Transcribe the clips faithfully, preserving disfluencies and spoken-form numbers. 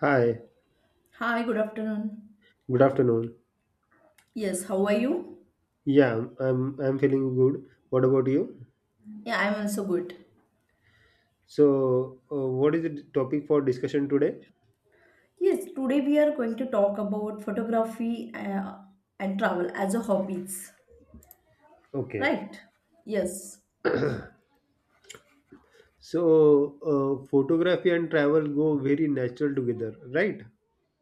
Hi, Hi, good afternoon. good afternoon. Yes, how are you? Yeah, I'm I'm feeling good. What about you? Yeah, I'm also good. So, uh, what is the topic for discussion today? Yes, today we are going to talk about photography uh, and travel as a hobbies, Okay. right? Yes, So, uh, photography and travel go very natural together, right?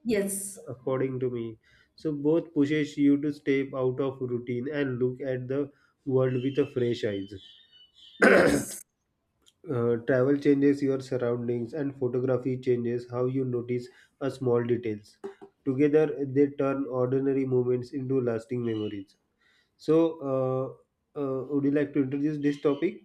yes, According to me. So, both pushes you to step out of routine and look at the world with a fresh eyes. yes. Uh, travel changes your surroundings and photography changes how you notice a small details together they turn ordinary moments into lasting memories so uh, uh, would you like to introduce this topic?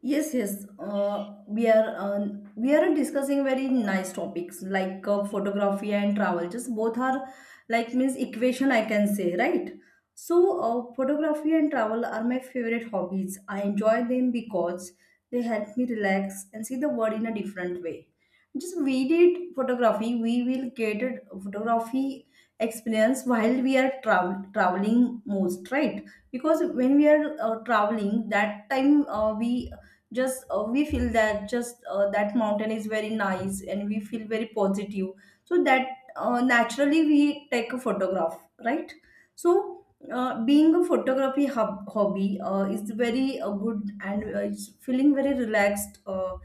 Yes, yes. Uh, we are uh, we are discussing very nice topics like uh, photography and travel. Just both are like means equation I can say, right? So uh, photography and travel are my favorite hobbies. I enjoy them because they help me relax and see the world in a different way. Just we did photography, we will get a photography experience while we are travel traveling most, right? Because when we are uh, traveling that time uh, we just uh, we feel that just uh, that mountain is very nice and we feel very positive, so that uh, naturally we take a photograph, right? So uh, being a photography hub- hobby uh, is very uh, good and uh, it's feeling very relaxed, uh,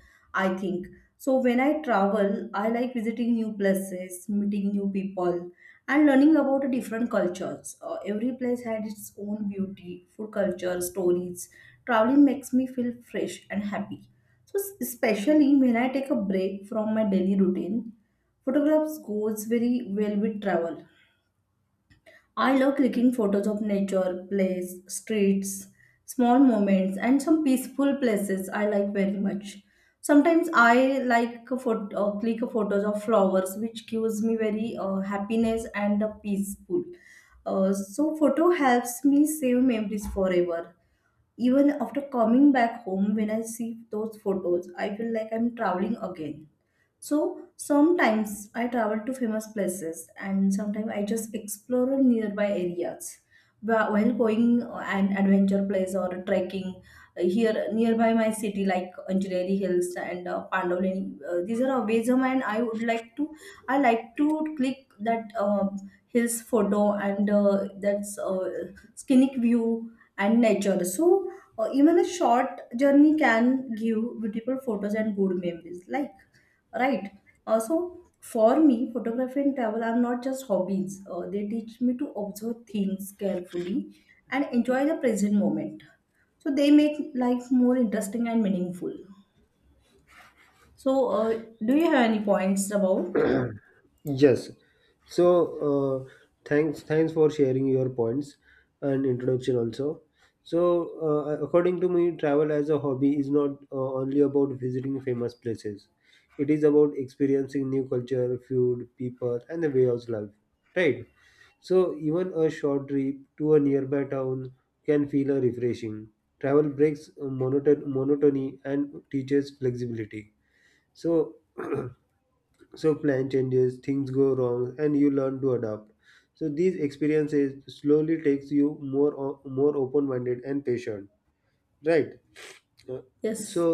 I think. So when I travel, I like visiting new places, meeting new people, and learning about different cultures. Uh, every place had its own beauty, food culture, stories. Traveling makes me feel fresh and happy. So s- especially when I take a break from my daily routine, photographs goes very well with travel. I love clicking photos of nature, place, streets, small moments, and some peaceful places I like very much. Sometimes I like a photo, uh, click photos of flowers, which gives me very uh, happiness and uh, peaceful. Uh, so photo helps me save memories forever. Even after coming back home, when I see those photos, I feel like I'm traveling again. So sometimes I travel to famous places and sometimes I just explore nearby areas. Wh- While going uh, an adventure place or trekking uh, here nearby my city like Anjali Hills and uh, Pandolini, uh, these are a ways of mine. I would like to I like to click that um hills photo and uh, that's uh, scenic view and nature. So uh, even a short journey can give beautiful photos and good memories. Like, right. Also, for me photography and travel are not just hobbies, uh, they teach me to observe things carefully and enjoy the present moment, so they make life more interesting and meaningful. So uh, do you have any points about? Yes. So, uh, thanks thanks for sharing your points and introduction also. So, uh, according to me, travel as a hobby is not uh, only about visiting famous places. It is about experiencing new culture, food, people, and the way of life. Right? So, even a short trip to a nearby town can feel a refreshing. Travel breaks monoton- monotony and teaches flexibility. So, so plan changes things go wrong and you learn to adapt so these experiences slowly takes you more o- more open minded and patient, right? Uh, so Yes.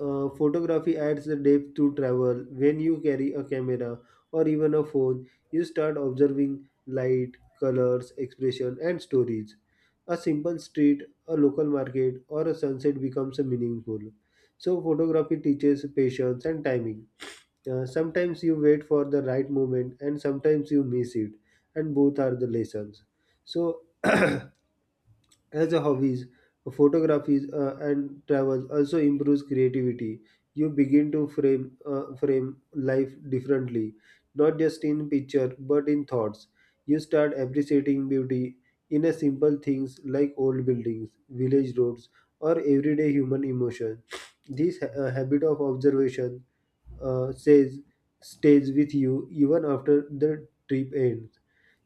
uh, Photography adds the depth to travel. When you carry a camera or even a phone, you start observing light, colors, expression, and stories. A simple street, a local market, or a sunset becomes meaningful. So, photography teaches patience and timing. Uh, sometimes you wait for the right moment, and sometimes you miss it, and both are the lessons. So, as a hobbies photographies uh, and travels also improves creativity. You begin to frame uh, frame life differently, not just in picture but in thoughts. You start appreciating beauty in a simple things like old buildings, village roads, or everyday human emotion. This ha- uh, habit of observation uh, says stays with you even after the trip ends.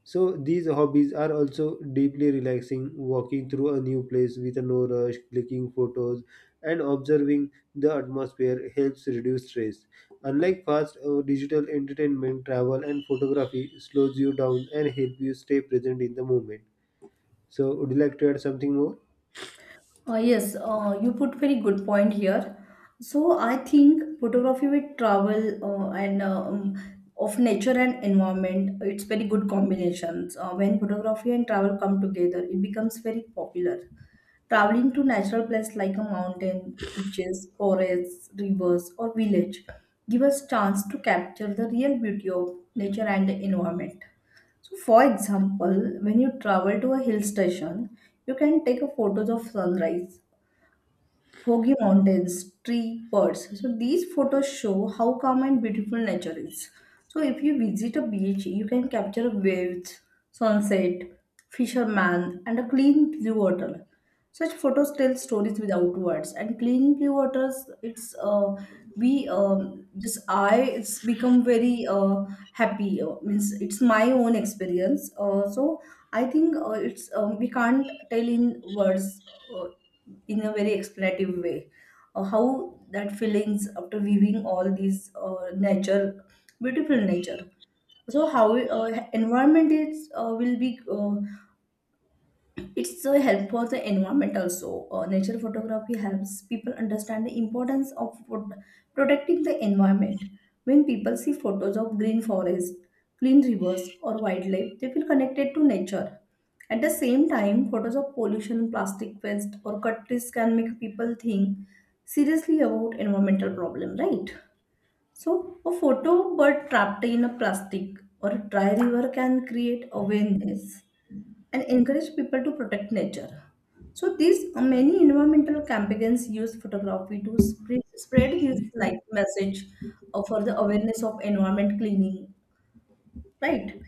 So these hobbies are also deeply relaxing, walking through a new place with no rush, clicking photos, and observing the atmosphere helps reduce stress. Unlike fast uh, digital entertainment, travel and photography slows you down and help you stay present in the moment. So would you like to add something more? Uh, yes, uh, you put very good point here. So I think photography with travel uh, and uh, um, of nature and environment, it's very good combinations. Uh, when photography and travel come together, it becomes very popular. Traveling to natural places like a mountain, beaches, forests, rivers, or village give us chance to capture the real beauty of nature and the environment. So, for example, when you travel to a hill station, you can take a photos of sunrise, foggy mountains, tree birds. So these photos show how calm and beautiful nature is. So if you visit a beach, you can capture waves, sunset, fisherman, and a clean blue water. Such photos tell stories without words. And clean blue waters, it's uh, we um, just I it's become very uh, happy. Uh, means it's my own experience. Uh, so I think uh, it's um, we can't tell in words. Uh, in a very explanative way, uh, how that feelings after viewing all these uh, nature beautiful nature, so how uh, environment is uh, will be uh, it's so help for the environment also. Uh, nature photography helps people understand the importance of pro- protecting the environment. When people see photos of green forest, clean rivers or wildlife, they feel connected to nature. At the same time, photos of pollution, plastic waste or cut trees can make people think seriously about environmental problem, right? So a photo bird trapped in a plastic or a dry river can create awareness and encourage people to protect nature. So these uh, many environmental campaigns use photography to spread, spread this like message uh, for the awareness of environment cleaning, right?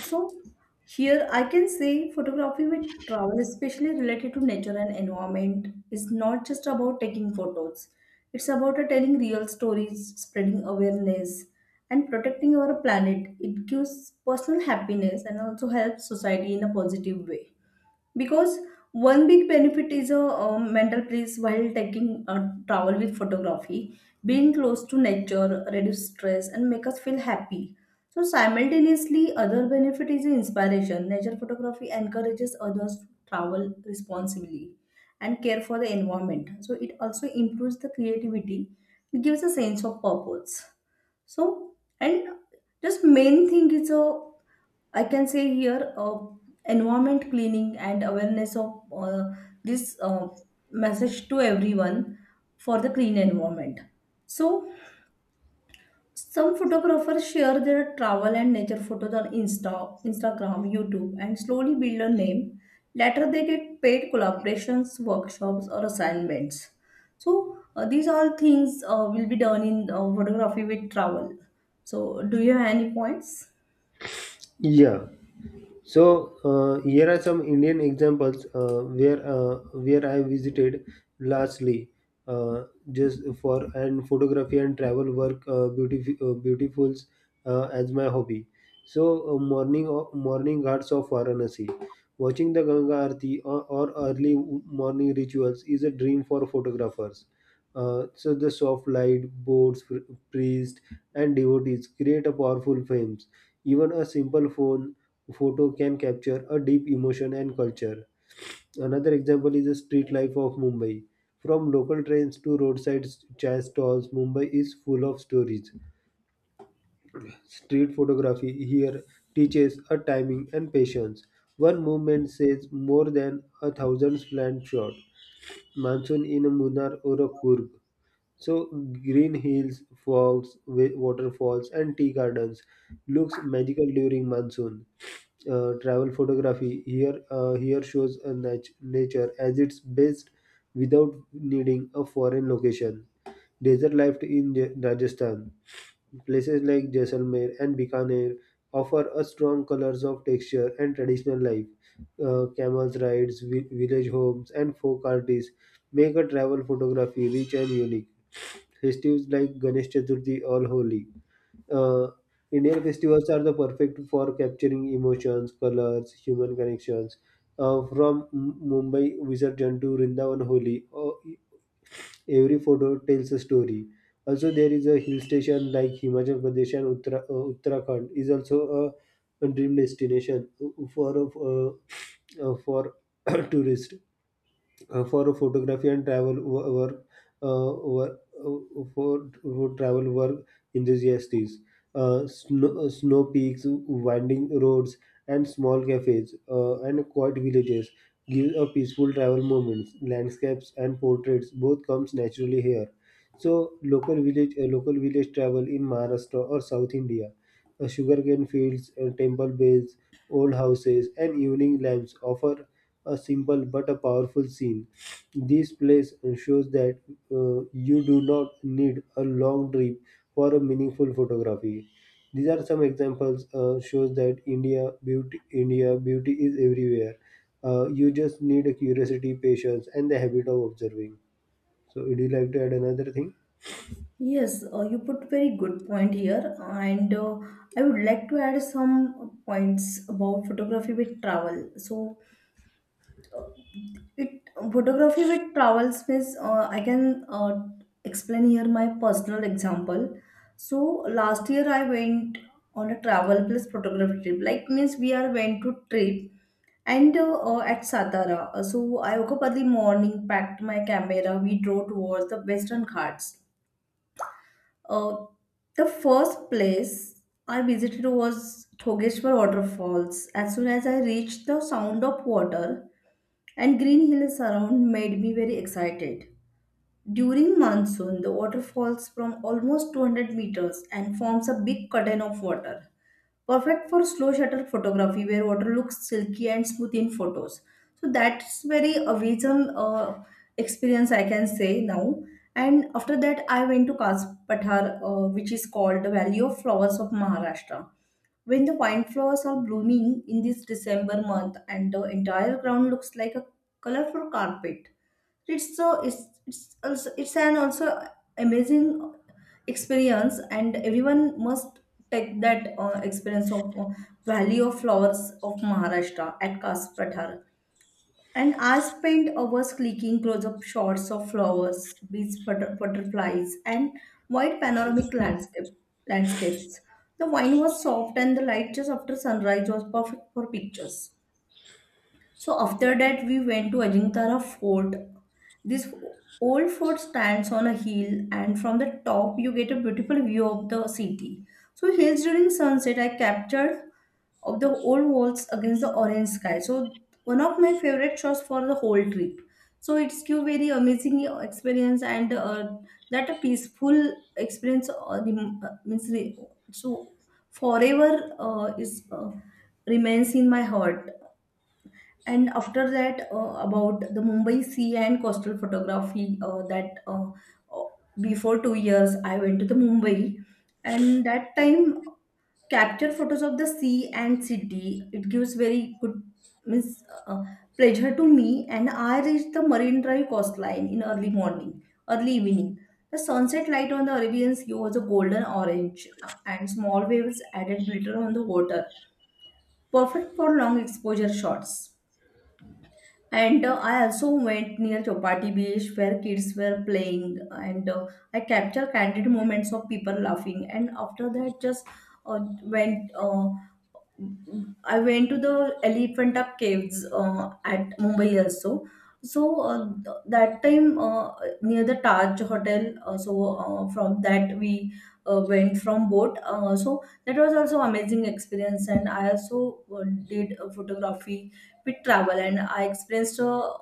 So here I can say photography with travel, especially related to nature and environment, is not just about taking photos. It's about uh, telling real stories, spreading awareness, and protecting our planet. It gives personal happiness and also helps society in a positive way, because one big benefit is a, uh, mental peace while taking a travel with photography. Being close to nature reduce stress and make us feel happy. So simultaneously other benefit is inspiration. Nature photography encourages others to travel responsibly and care for the environment, so it also improves the creativity, it gives a sense of purpose. So, and just main thing is a, I can say here uh, environment cleaning and awareness of uh, this uh, message to everyone for the clean environment. So some photographers share their travel and nature photos on Insta, Instagram, YouTube, and slowly build a name. Later, they get paid collaborations, workshops, or assignments. So, uh, these all things uh, will be done in uh, photography with travel. So, do you have any points? Yeah, so uh, here are some Indian examples uh, where uh, where I visited lastly, uh, just for and photography and travel work uh, beautif uh, beautifuls uh, as my hobby. So uh, morning morning ghats of Varanasi, watching the Ganga Aarti or, or early morning rituals is a dream for photographers. Uh, so the soft light, boats, pr- priests, and devotees create a powerful frames. Even a simple phone photo can capture a deep emotion and culture. Another example is the street life of Mumbai. From local trains to roadside chai stalls, Mumbai is full of stories. Street photography here teaches a timing and patience. One movement says more than a thousand planned shots. Monsoon in a Munnar or a Kurg. So green hills, fogs, wa- waterfalls, and tea gardens looks magical during monsoon. Uh, travel photography here uh, here shows a nat- nature as its best without needing a foreign location. Desert life in Ja- Rajasthan. Places like Jaisalmer and Bikaner offer a strong colors of texture and traditional life. Uh, camels rides, vi- village homes, and folk artists make a travel photography rich and unique. Festives like Ganesh Chaturthi or Holi. Uh, Indian festivals are the perfect for capturing emotions, colors, human connections. Uh, from M- Mumbai Visurgent to Rindavan Holi, uh, every photo tells a story. Also, there is a hill station like Himachal Pradesh and Uttara- uh, Uttarakhand is also a, a dream destination uh, for uh, uh, for tourists uh, for photography and travel wo- work uh, wo- uh, for, for travel work enthusiasts. Uh, snow, uh, snow peaks, winding roads, and small cafes uh, and quiet villages give a peaceful travel moments. Landscapes and portraits both comes naturally here. So local village, uh, local village travel in Maharashtra or South India, uh, sugarcane fields, uh, temple bells, old houses, and evening lamps offer a simple but a powerful scene. This place shows that uh, you do not need a long trip for a meaningful photography. These are some examples uh, shows that India beauty India beauty is everywhere. Uh, you just need a curiosity, patience, and the habit of observing. So, would you like to add another thing? Yes, uh, you put very good point here, and uh, I would like to add some points about photography with travel. So, it photography with travel space. Uh, I can uh, explain here my personal example. So last year I went on a travel plus photography trip. Like means we are went to trip and uh, uh, at Satara. Uh, So I woke up early morning, packed my camera. We drove towards the Western Ghats. Uh, the first place I visited was Thogeshwar waterfalls. As soon as I reached the sound of water. And green hills around made me very excited. During monsoon, the water falls from almost two hundred meters and forms a big curtain of water. Perfect for slow shutter photography where water looks silky and smooth in photos. So that's very amazing uh, experience I can say now. And after that, I went to Kaz Pathar, uh, which is called the Valley of Flowers of Maharashtra. When the wine flowers are blooming in this December month and the entire ground looks like a colorful carpet. It's so it's it's also it's an also amazing experience, and everyone must take that uh, experience of uh, Valley of Flowers of Maharashtra at Kas Pathar. And I spent hours clicking close-up shots of flowers, bees, butter, butterflies, and wide panoramic landscape landscapes. The wine was soft, and the light just after sunrise was perfect for pictures. So after that, we went to Ajinkara Fort. This old fort stands on a hill, and from the top, you get a beautiful view of the city. So hills during sunset, I captured of the old walls against the orange sky. So one of my favorite shots for the whole trip. So it's give very amazing experience and uh, that a peaceful experience uh, rem- uh, means re- so forever uh, is uh, remains in my heart. And after that, uh, about the Mumbai sea and coastal photography, uh, that uh, uh, before two years I went to the Mumbai, and that time capture photos of the sea and city. It gives very good means uh, pleasure to me. And I reached the Marine Drive coastline in early morning, early evening. The sunset light on the Arabian Sea was a golden orange, uh, and small waves added glitter on the water, perfect for long exposure shots. And uh, I also went near Chopati Beach where kids were playing, and uh, I captured candid moments of people laughing. And after that, just uh, went uh, I went to the Elephanta Caves uh, at Mumbai also. So uh, th- that time uh, near the Taj Hotel. Uh, so uh, from that we uh, went from boat. Uh, so that was also amazing experience, and I also uh, did uh, photography with travel, and I experienced uh,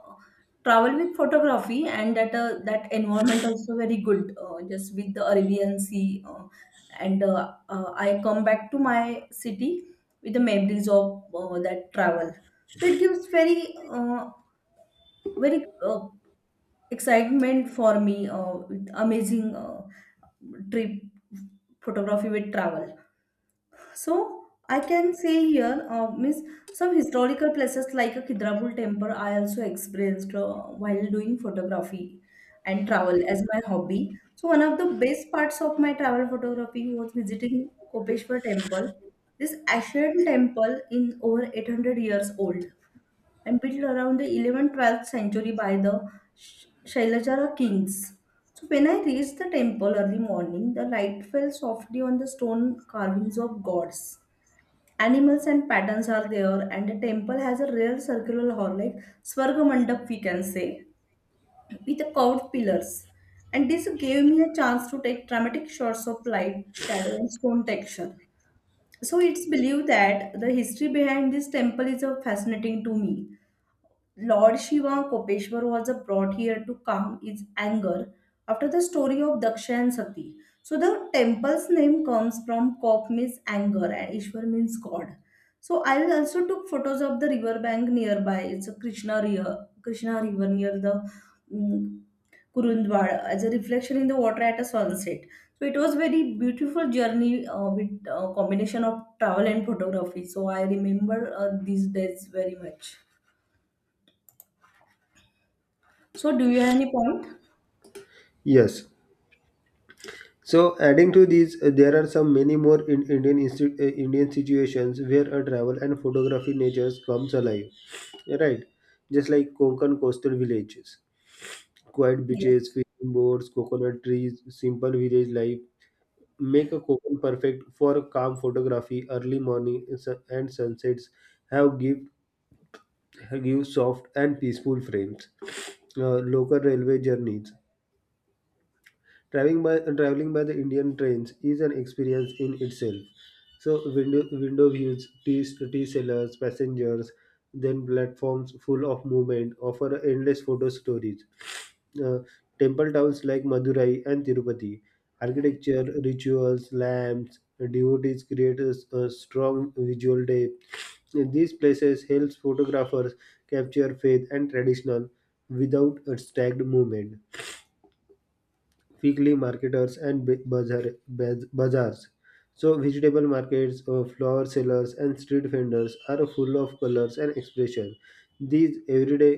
travel with photography, and that uh, that environment also very good, uh, just with the Arabian Sea. Uh, and uh, uh, I come back to my city with the memories of uh, that travel. So it gives very uh, very uh, excitement for me uh, with amazing uh, trip photography with travel. So I can say here, uh, means some historical places like a Kidrabul temple. I also experienced uh, while doing photography and travel as my hobby. So one of the best parts of my travel photography was visiting Kopeshwar temple. This ancient temple in over eight hundred years old and built around the eleventh twelfth century by the Sh- Shailajara kings. So when I reached the temple early morning, the light fell softly on the stone carvings of gods, animals and patterns are there, and the temple has a real circular hall like swarga mandap we can say, with the curved pillars, and this gave me a chance to take dramatic shots of light, shadow and stone texture. So it's believed that the history behind this temple is uh, fascinating to me. Lord Shiva Kopeshwar was brought here to calm his anger after the story of Daksha and Sati. So the temple's name comes from Kop means anger and Ishwar means God. So I also took photos of the river bank nearby. It's a Krishna river, Krishna river near the mm, Kurundwad as a reflection in the water at a sunset. So it was very beautiful journey uh, with uh, combination of travel and photography. So I remember uh, these days very much. So, do you have any point? Yes, so, adding to these, uh, there are some many more in Indian insti- uh, Indian situations where a travel and photography natures comes alive, yeah, right? Just like Konkan coastal villages, quiet beaches, Yes, fishing boats, coconut trees, simple village life make a Konkan perfect for calm photography. Early morning and sun- and sunsets have give give soft and peaceful frames. Uh, local railway journeys. Traveling by traveling by the Indian trains is an experience in itself. So window window views, tea, tea sellers, passengers, then platforms full of movement offer endless photo stories. Uh, temple towns like Madurai and Tirupati, architecture, rituals, lamps, devotees create a, s- a strong visual depth. In these places helps photographers capture faith and traditional without a stagged movement weekly marketers and ba- bazaar, baz- bazaars. So, vegetable markets, uh, flower sellers, and street vendors are full of colors and expression. These everyday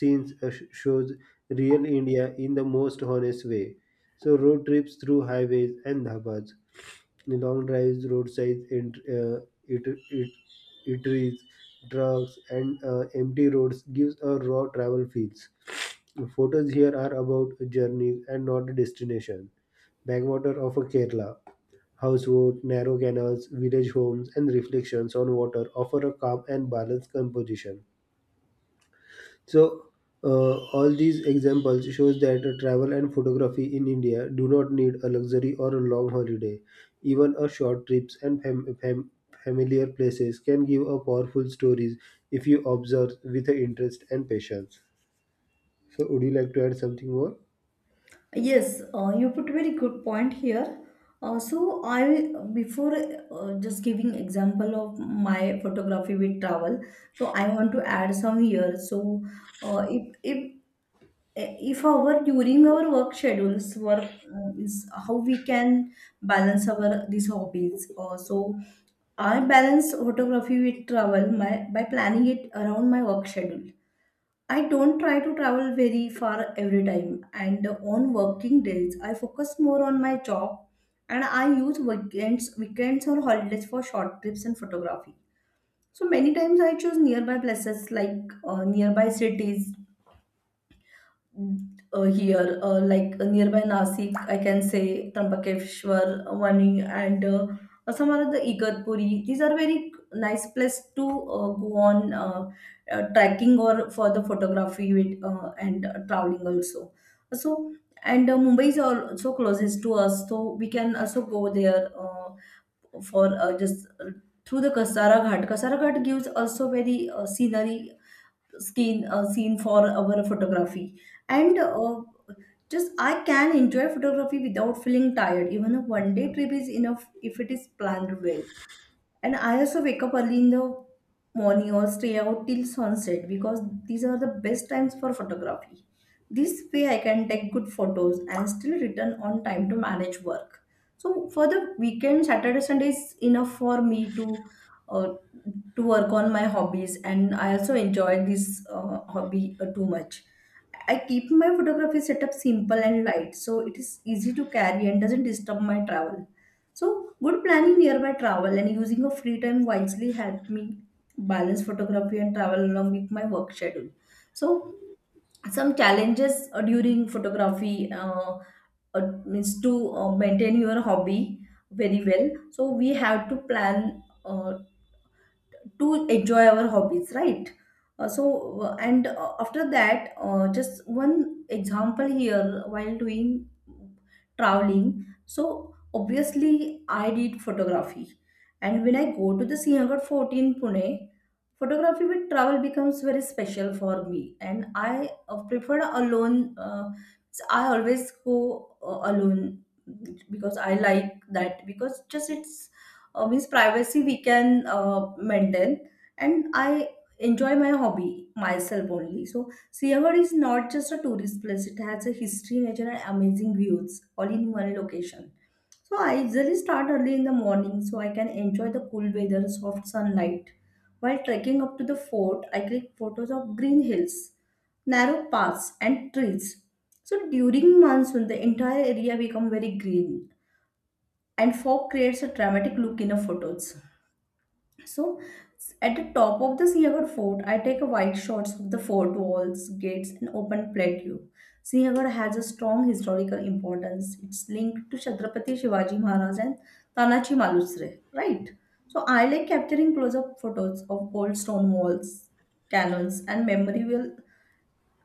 scenes uh, sh- shows real India in the most honest way. So, road trips through highways and dhabas, long drives, roadside and uh, it, it, eateries, trucks, and uh, empty roads gives a raw travel feels. Photos here are about journeys and not a destination. Backwater of a Kerala. Houseboat, narrow canals, village homes, and reflections on water offer a calm and balanced composition. So, uh, all these examples shows that travel and photography in India do not need a luxury or a long holiday. Even a short trips and fam- fam- familiar places can give a powerful stories if you observe with interest and patience. So, would you like to add something more? yes, uh, you put very good point here. Uh, so I before uh, just giving example of my photography with travel. So I want to add some here. So uh, if if if our during our work schedules work uh, is how we can balance our these hobbies. Uh, so I balance photography with travel my by planning it around my work schedule. I don't try to travel very far every time, and on working days, I focus more on my job, and I use weekends, weekends or holidays for short trips and photography. So many times I choose nearby places like uh, nearby cities uh, here, uh, like uh, nearby Nasik, I can say Trambakeshwar, uh, Wani, and uh, some are the Igarpuri. These are very nice place to uh, go on uh, uh, trekking or for the photography with, uh, and uh, traveling also. So and uh, Mumbai is also closest to us, so we can also go there uh, for uh, just uh, through the Kasara Ghat. Kasara Ghat gives also very uh, scenery skin uh, scene for our photography and uh, just I can enjoy photography without feeling tired. Even a one day trip is enough if it is planned well, and I also wake up early in the morning or stay out till sunset because these are the best times for photography. This way I can take good photos and still return on time to manage work. So for the weekend, Saturday, Sunday is enough for me to uh, to work on my hobbies, and I also enjoy this uh, hobby uh, too much. I keep my photography setup simple and light, so it is easy to carry and doesn't disturb my travel. So, good planning, nearby travel and using of free time wisely helped me balance photography and travel along with my work schedule. So, some challenges uh, during photography uh, uh, means to uh, maintain your hobby very well. So, we have to plan uh, to enjoy our hobbies, right? Uh, so uh, and uh, after that uh, just one example here, while doing traveling, so obviously I did photography, and when I go to the Sinhagad fort in Pune, photography with travel becomes very special for me. And I uh, preferred alone. Uh, so I always go uh, alone because I like that, because just it's uh, means privacy we can uh, maintain, and I enjoy my hobby myself only. So Siachen is not just a tourist place, it has a history, nature and amazing views all in one location. So I usually start early in the morning so I can enjoy the cool weather, soft sunlight. While trekking up to the fort, I click photos of green hills, narrow paths and trees. So during monsoon, the entire area becomes very green, and fog creates a dramatic look in the photos. So at the top of the Siagar fort, I take a wide shots of the fort walls, gates, and open plateau. Siagar has a strong historical importance. It's linked to Chhatrapati Shivaji Maharaj and Tanaji Malusre, right? So I like capturing close-up photos of old stone walls, cannons, and memorable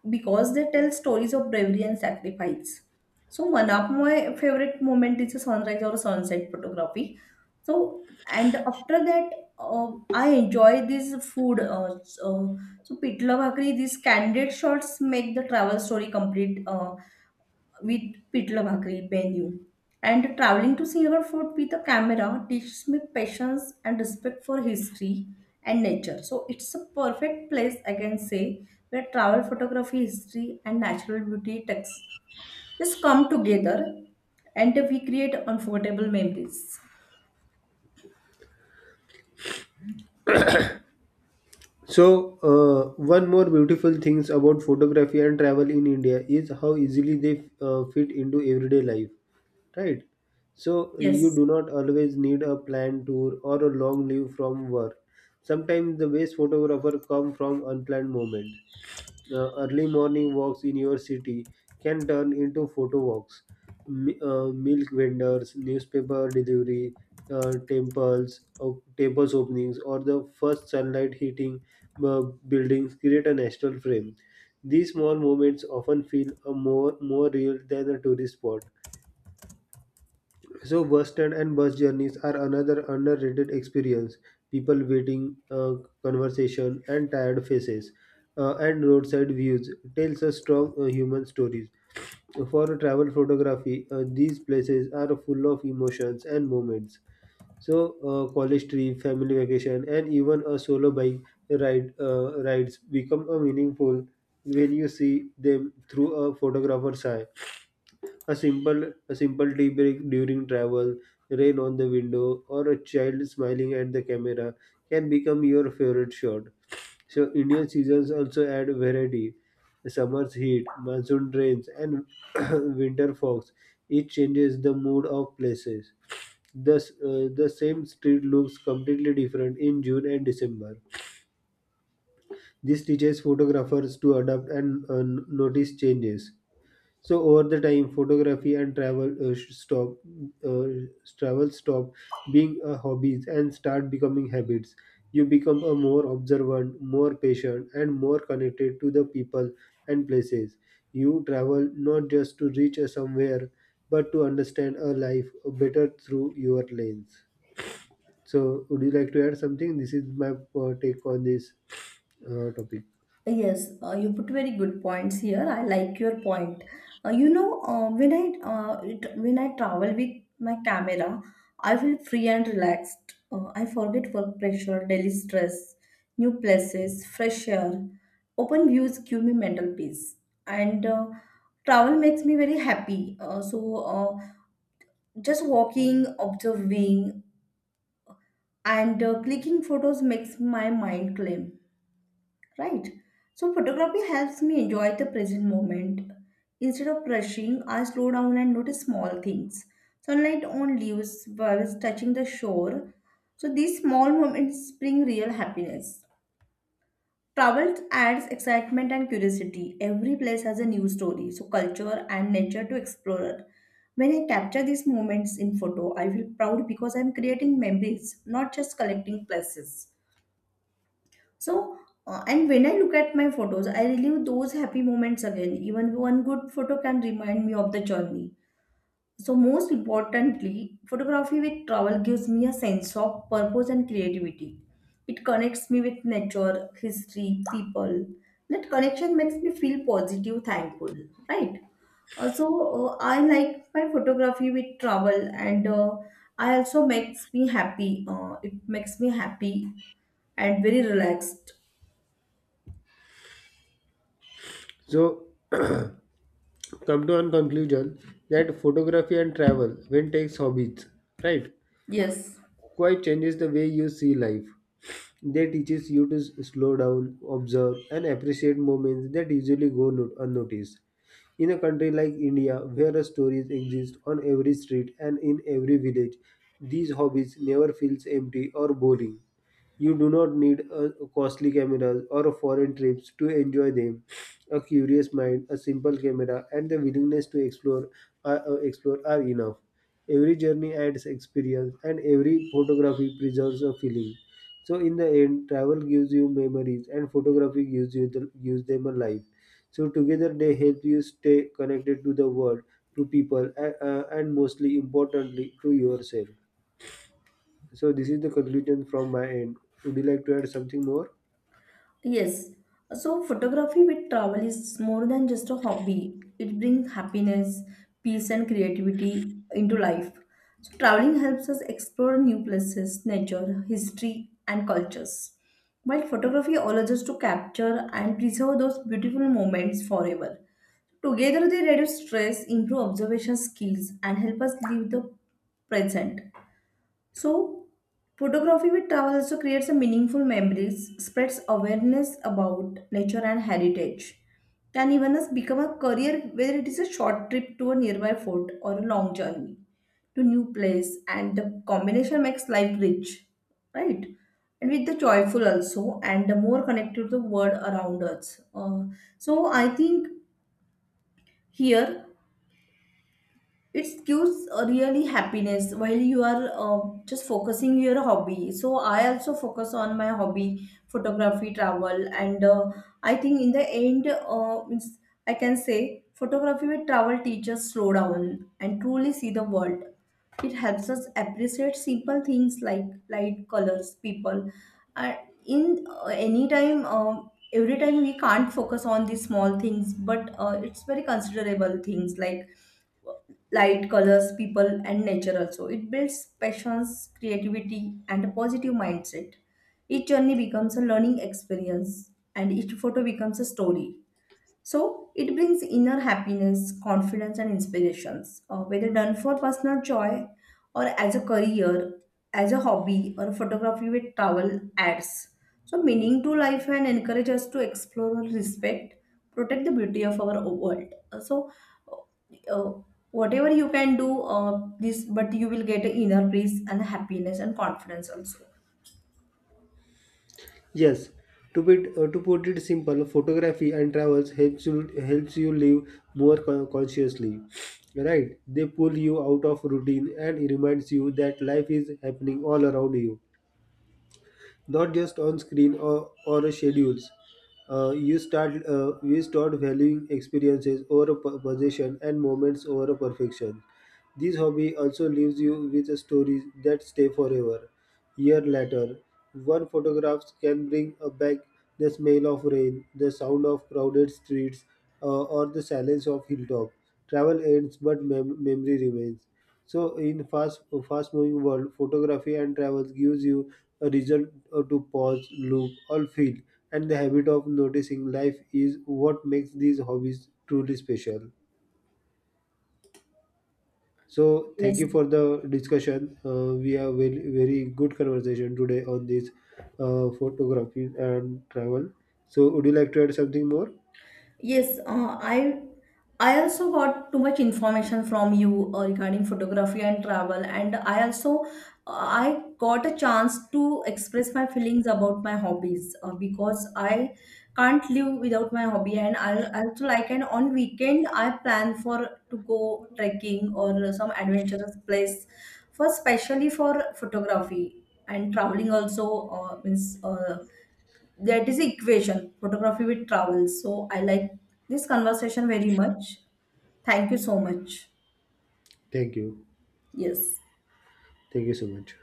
because they tell stories of bravery and sacrifice. So one of my favorite moment is a sunrise or sunset photography. So and after that, uh, I enjoy this food. Uh, so, so pitla bhakri, these candid shots make the travel story complete. Uh, with pidla bhakri. And traveling to Singapore food with a camera teaches me patience and respect for history and nature. So it's a perfect place, I can say, where travel photography, history, and natural beauty text just come together, and we create unforgettable memories. So, uh, one more beautiful things about photography and travel in India is how easily they uh, fit into everyday life, right? So, you Yes. do not always need a planned tour or a long leave from work. Sometimes the best photographer come from unplanned moment, uh, early morning walks in your city can turn into photo walks. Mi- uh, milk vendors, newspaper delivery, uh, temples, op- temples openings, or the first sunlight hitting uh, buildings create a national frame. These small moments often feel uh, more more real than a tourist spot. So bus stand and bus journeys are another underrated experience. People waiting, uh, conversation, and tired faces, uh, and roadside views tells us strong uh, human stories. For travel photography, uh, these places are full of emotions and moments. So uh, college trip, family vacation, and even a solo bike ride uh, rides become a meaningful when you see them through a photographer's eye. A simple, a simple tea break during travel, rain on the window, or a child smiling at the camera can become your favorite shot. So Indian seasons also add variety. The summer's heat, monsoon rains, and winter fogs each changes the mood of places. Thus, uh, the same street looks completely different in June and December. This teaches photographers to adapt and uh, notice changes. So over the time, photography and travel uh, sh- stop uh, travel stop being a hobbies and start becoming habits. You become a more observant, more patient, and more connected to the people and places. You travel not just to reach a somewhere, but to understand a life better through your lens. So, would you like to add something? This is my uh, take on this uh, topic. Uh, Yes, uh, you put very good points here. I like your point. Uh, you know, uh, when I uh, it, when I travel with my camera, I feel free and relaxed. Uh, I forget work pressure, daily stress, new places, fresh air. Open views give me mental peace, and uh, travel makes me very happy. Uh, so, uh, just walking, observing, and uh, clicking photos makes my mind calm, right? So photography helps me enjoy the present moment. Instead of rushing, I slow down and notice small things, sunlight on leaves while touching the shore. So these small moments bring real happiness. Travel adds excitement and curiosity, every place has a new story, so culture and nature to explore. When I capture these moments in photo, I feel proud because I'm creating memories, not just collecting places. So, uh, and when I look at my photos, I relive those happy moments again. Even one good photo can remind me of the journey. So, most importantly, photography with travel gives me a sense of purpose and creativity. It connects me with nature, history, people. That connection makes me feel positive, thankful, right? Uh, So, uh, I like my photography with travel, and uh, I also makes me happy. Uh, it makes me happy and very relaxed. So. come to a conclusion that photography and travel, when takes hobbies, right, Yes, quite changes the way you see life. They teaches you to s- slow down, observe, and appreciate moments that usually go no- unnoticed. In a country like India, where stories exist on every street and in every village, these hobbies never feels empty or boring. You do not need a costly cameras or a foreign trips to enjoy them. A curious mind, a simple camera, and the willingness to explore are, uh, explore are enough. Every journey adds experience, and every photography preserves a feeling. So in the end, travel gives you memories, and photography gives you the, gives them a life. So together they help you stay connected to the world, to people, and, uh, and mostly importantly to yourself. So this is the conclusion from my end. Would you like to add something more? yes. So, photography with travel is more than just a hobby. It brings happiness, peace, and creativity into life. So, traveling helps us explore new places, nature, history, and cultures. While photography allows us to capture and preserve those beautiful moments forever. Together, they reduce stress, improve observation skills, and help us live the present. So, photography with travel also creates a meaningful memories, spreads awareness about nature and heritage, can even us become a career, whether it is a short trip to a nearby fort or a long journey to new place, and the combination makes life rich, right? And with the joyful also, and the more connected to the world around us. Uh, so I think here it gives a really happiness while you are uh, just focusing your hobby. So I also focus on my hobby, photography, travel, and uh, I think in the end uh, means I can say photography with travel teaches slow down and truly see the world. It helps us appreciate simple things like light, colors, people, uh, in uh, any time, uh, every time we can't focus on these small things, but uh, it's very considerable things like light, colors, people and nature also. It builds passions, creativity, and a positive mindset. Each journey becomes a learning experience and each photo becomes a story. So it brings inner happiness, confidence, and inspirations. Uh, whether done for personal joy or as a career, as a hobby, or photography with travel ads. So meaning to life and encourage us to explore, respect, protect the beauty of our world. Uh, So uh, uh, whatever you can do, uh, this, but you will get inner peace and happiness and confidence also. Yes. To put uh, to put it simple, photography and travels helps you helps you live more con- consciously. Right? They pull you out of routine and reminds you that life is happening all around you, not just on screen or, or schedules. Uh, you start uh, We start valuing experiences over a po- possession and moments over a perfection. This hobby also leaves you with stories that stay forever. Year later, one photograph can bring uh, back the smell of rain, the sound of crowded streets, uh, or the silence of hilltop. Travel ends, but mem- memory remains. So in fast fast moving world, photography and travels gives you a reason uh, to pause, look, or feel, and the habit of noticing life is what makes these hobbies truly special. So thank Yes. you for the discussion. Uh, we have very very good conversation today on this uh, photography and travel. So would you like to add something more? Yes, uh, I I also got too much information from you uh, regarding photography and travel, and I also uh, I got a chance to express my feelings about my hobbies uh, because I can't live without my hobby, and I I also like, and on weekend I plan for to go trekking or some adventurous place for, especially for photography and traveling also uh, means. Uh, that is equation photography with travel, so I like this conversation very much. Thank you so much. Thank you. Yes. Thank you so much.